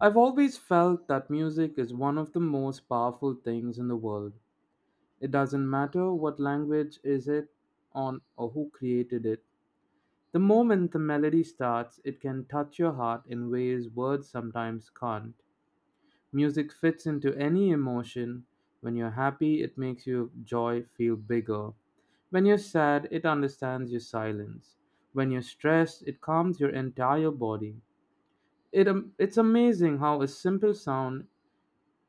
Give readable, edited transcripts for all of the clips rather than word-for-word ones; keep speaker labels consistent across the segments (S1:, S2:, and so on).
S1: I've always felt that music is one of the most powerful things in the world. It doesn't matter what language is it on or who created it. The moment the melody starts, it can touch your heart in ways words sometimes can't. Music fits into any emotion. When you're happy, it makes your joy feel bigger. When you're sad, it understands your silence. When you're stressed, it calms your entire body. It's amazing how a simple sound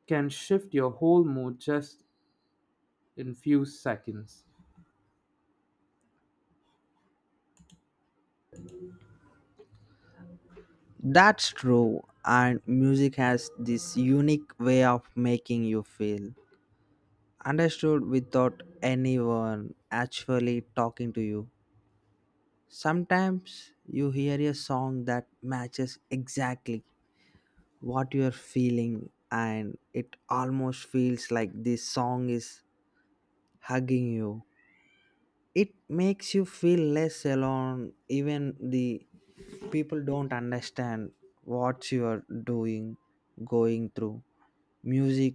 S1: can shift your whole mood just in few seconds.
S2: That's true, and music has this unique way of making you feel understood without anyone actually talking to you. Sometimes you hear a song that matches exactly what you're feeling, and it almost feels like this song is hugging you. It makes you feel less alone, even the people don't understand what you are doing, going through. Music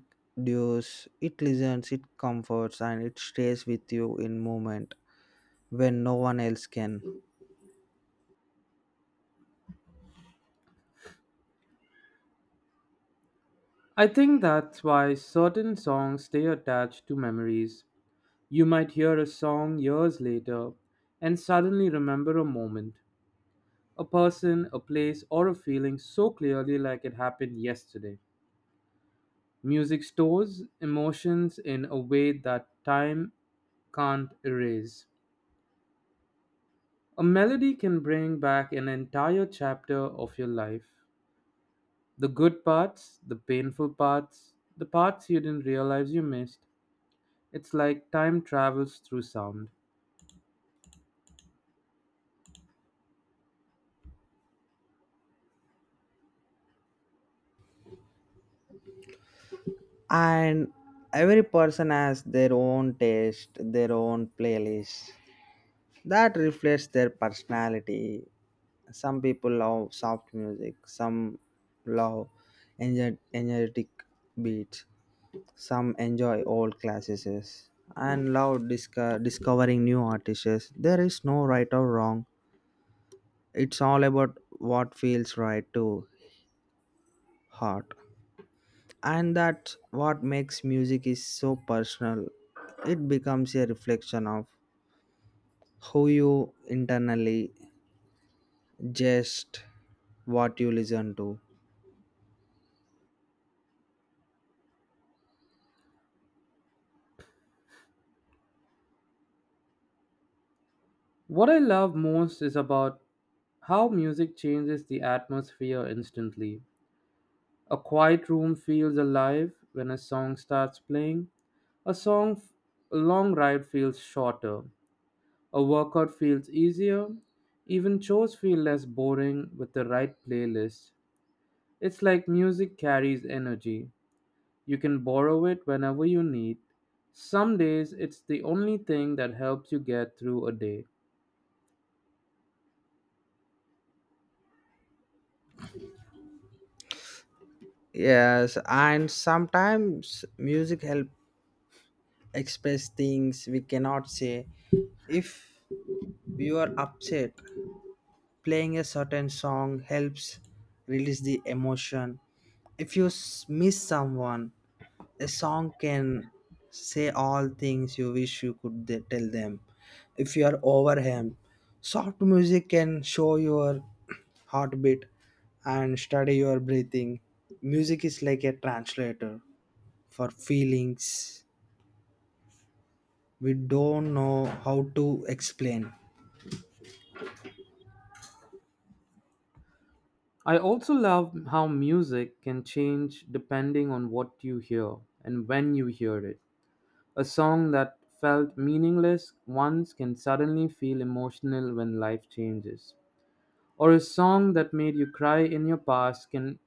S2: dues, it listens, it comforts, and it stays with you in moment when no one else can.
S1: I think that's why certain songs stay attached to memories. You might hear a song years later and suddenly remember a moment, a person, a place, or a feeling so clearly like it happened yesterday. Music stores emotions in a way that time can't erase. A melody can bring back an entire chapter of your life. The good parts, the painful parts, the parts you didn't realize you missed. It's like time travels through sound.
S2: And every person has their own taste, their own playlist that reflects their personality. Some people love soft music, some love energetic beats, some enjoy old classics and love discovering new artists. There is no right or wrong. It's all about what feels right to heart. And that's what makes music is so personal. It becomes a reflection of who you internally just what you listen to.
S1: What I love most is about how music changes the atmosphere instantly. A quiet room feels alive when a song starts playing. A song, f- a long ride feels shorter. A workout feels easier. Even chores feel less boring with the right playlist. It's like music carries energy. You can borrow it whenever you need. Some days it's the only thing that helps you get through a day.
S2: Yes, and sometimes music help express things we cannot say. If you are upset, playing a certain song helps release the emotion. If you miss someone, a song can say all things you wish you could they tell them. If you are overwhelmed, soft music can show your heartbeat and study your breathing. Music is like a translator for feelings we don't know how to explain.
S1: I also love how music can change depending on what you hear and when you hear it. A song that felt meaningless once can suddenly feel emotional when life changes. Or a song that made you cry in your past can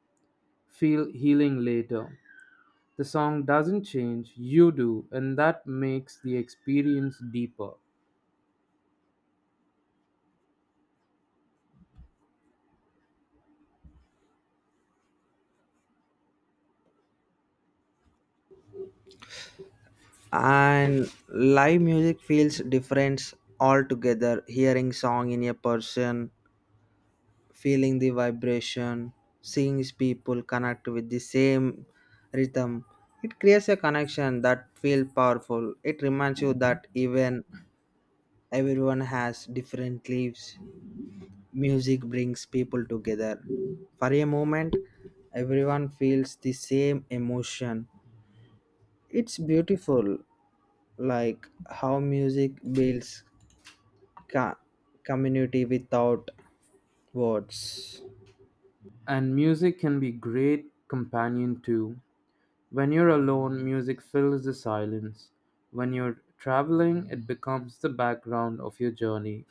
S1: feel healing later. The song doesn't change, you do, and that makes the experience deeper.
S2: And live music feels different altogether, hearing song in a person, feeling the vibration, seeing people connect with the same rhythm. It creates a connection that feel powerful. It reminds you that even everyone has different lives. Music brings people together. For a moment, everyone feels the same emotion. It's beautiful, like how music builds co- community without words.
S1: And music can be great companion too. When you're alone, music fills the silence. When you're traveling, it becomes the background of your journey.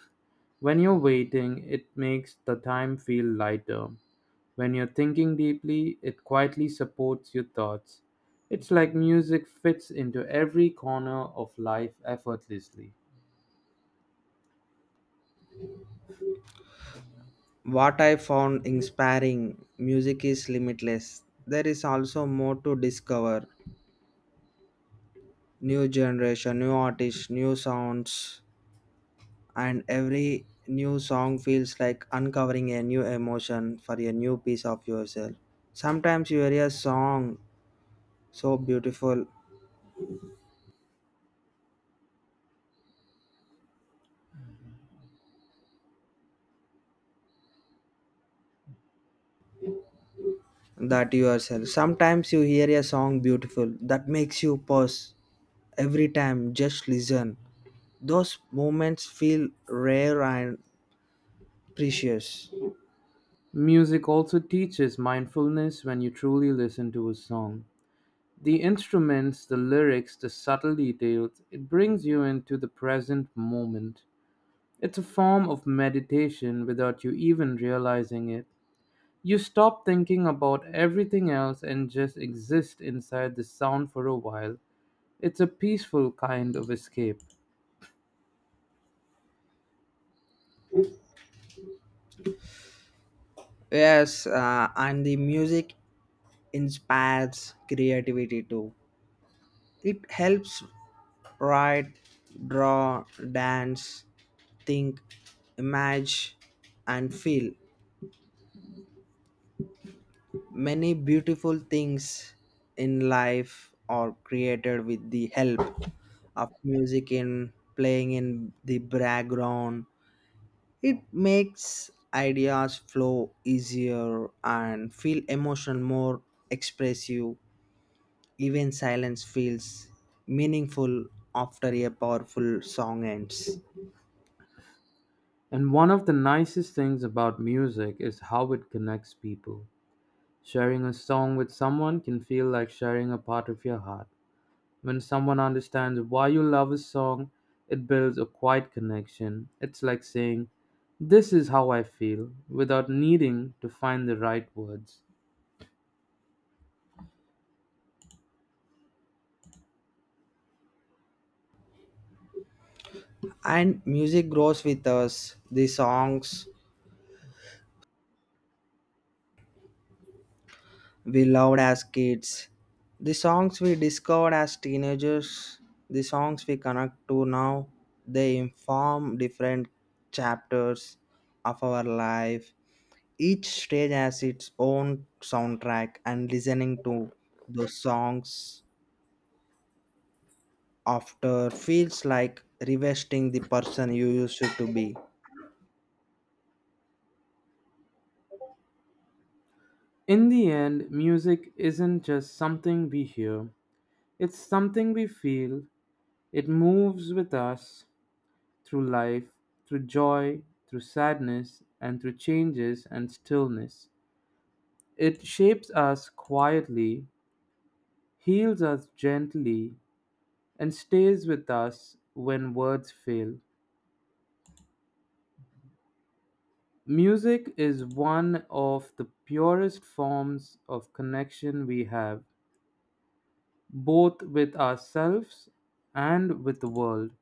S1: When you're waiting, it makes the time feel lighter. When you're thinking deeply, it quietly supports your thoughts. It's like music fits into every corner of life effortlessly.
S2: What I found inspiring music is limitless. There is also more to discover. New generation, new artists, new sounds, and every new song feels like uncovering a new emotion for a new piece of yourself. Sometimes you hear a song so beautiful that yourself. Sometimes you hear a song beautiful that makes you pause every time just listen. Those moments feel rare and precious.
S1: Music also teaches mindfulness when you truly listen to a song. The instruments, the lyrics, the subtle details, it brings you into the present moment. It's a form of meditation without you even realizing it. You stop thinking about everything else and just exist inside the sound for a while. It's a peaceful kind of escape.
S2: Yes, and the music inspires creativity too. It helps write, draw, dance, think, imagine, and feel. Many beautiful things in life are created with the help of music in playing in the background. It makes ideas flow easier and feel emotion more expressive. Even silence feels meaningful after a powerful song ends.
S1: And one of the nicest things about music is how it connects people. Sharing a song with someone can feel like sharing a part of your heart. When someone understands why you love a song, it builds a quiet connection. It's like saying, this is how I feel, without needing to find the right words.
S2: And music grows with us. The songs we loved as kids, the songs we discovered as teenagers, the songs we connect to now, they inform different chapters of our life. Each stage has its own soundtrack, and listening to those songs after feels like revesting the person you used to be.
S1: In the end, music isn't just something we hear, it's something we feel. It moves with us through life, through joy, through sadness, and through changes and stillness. It shapes us quietly, heals us gently, and stays with us when words fail. Music is one of the purest forms of connection we have, both with ourselves and with the world.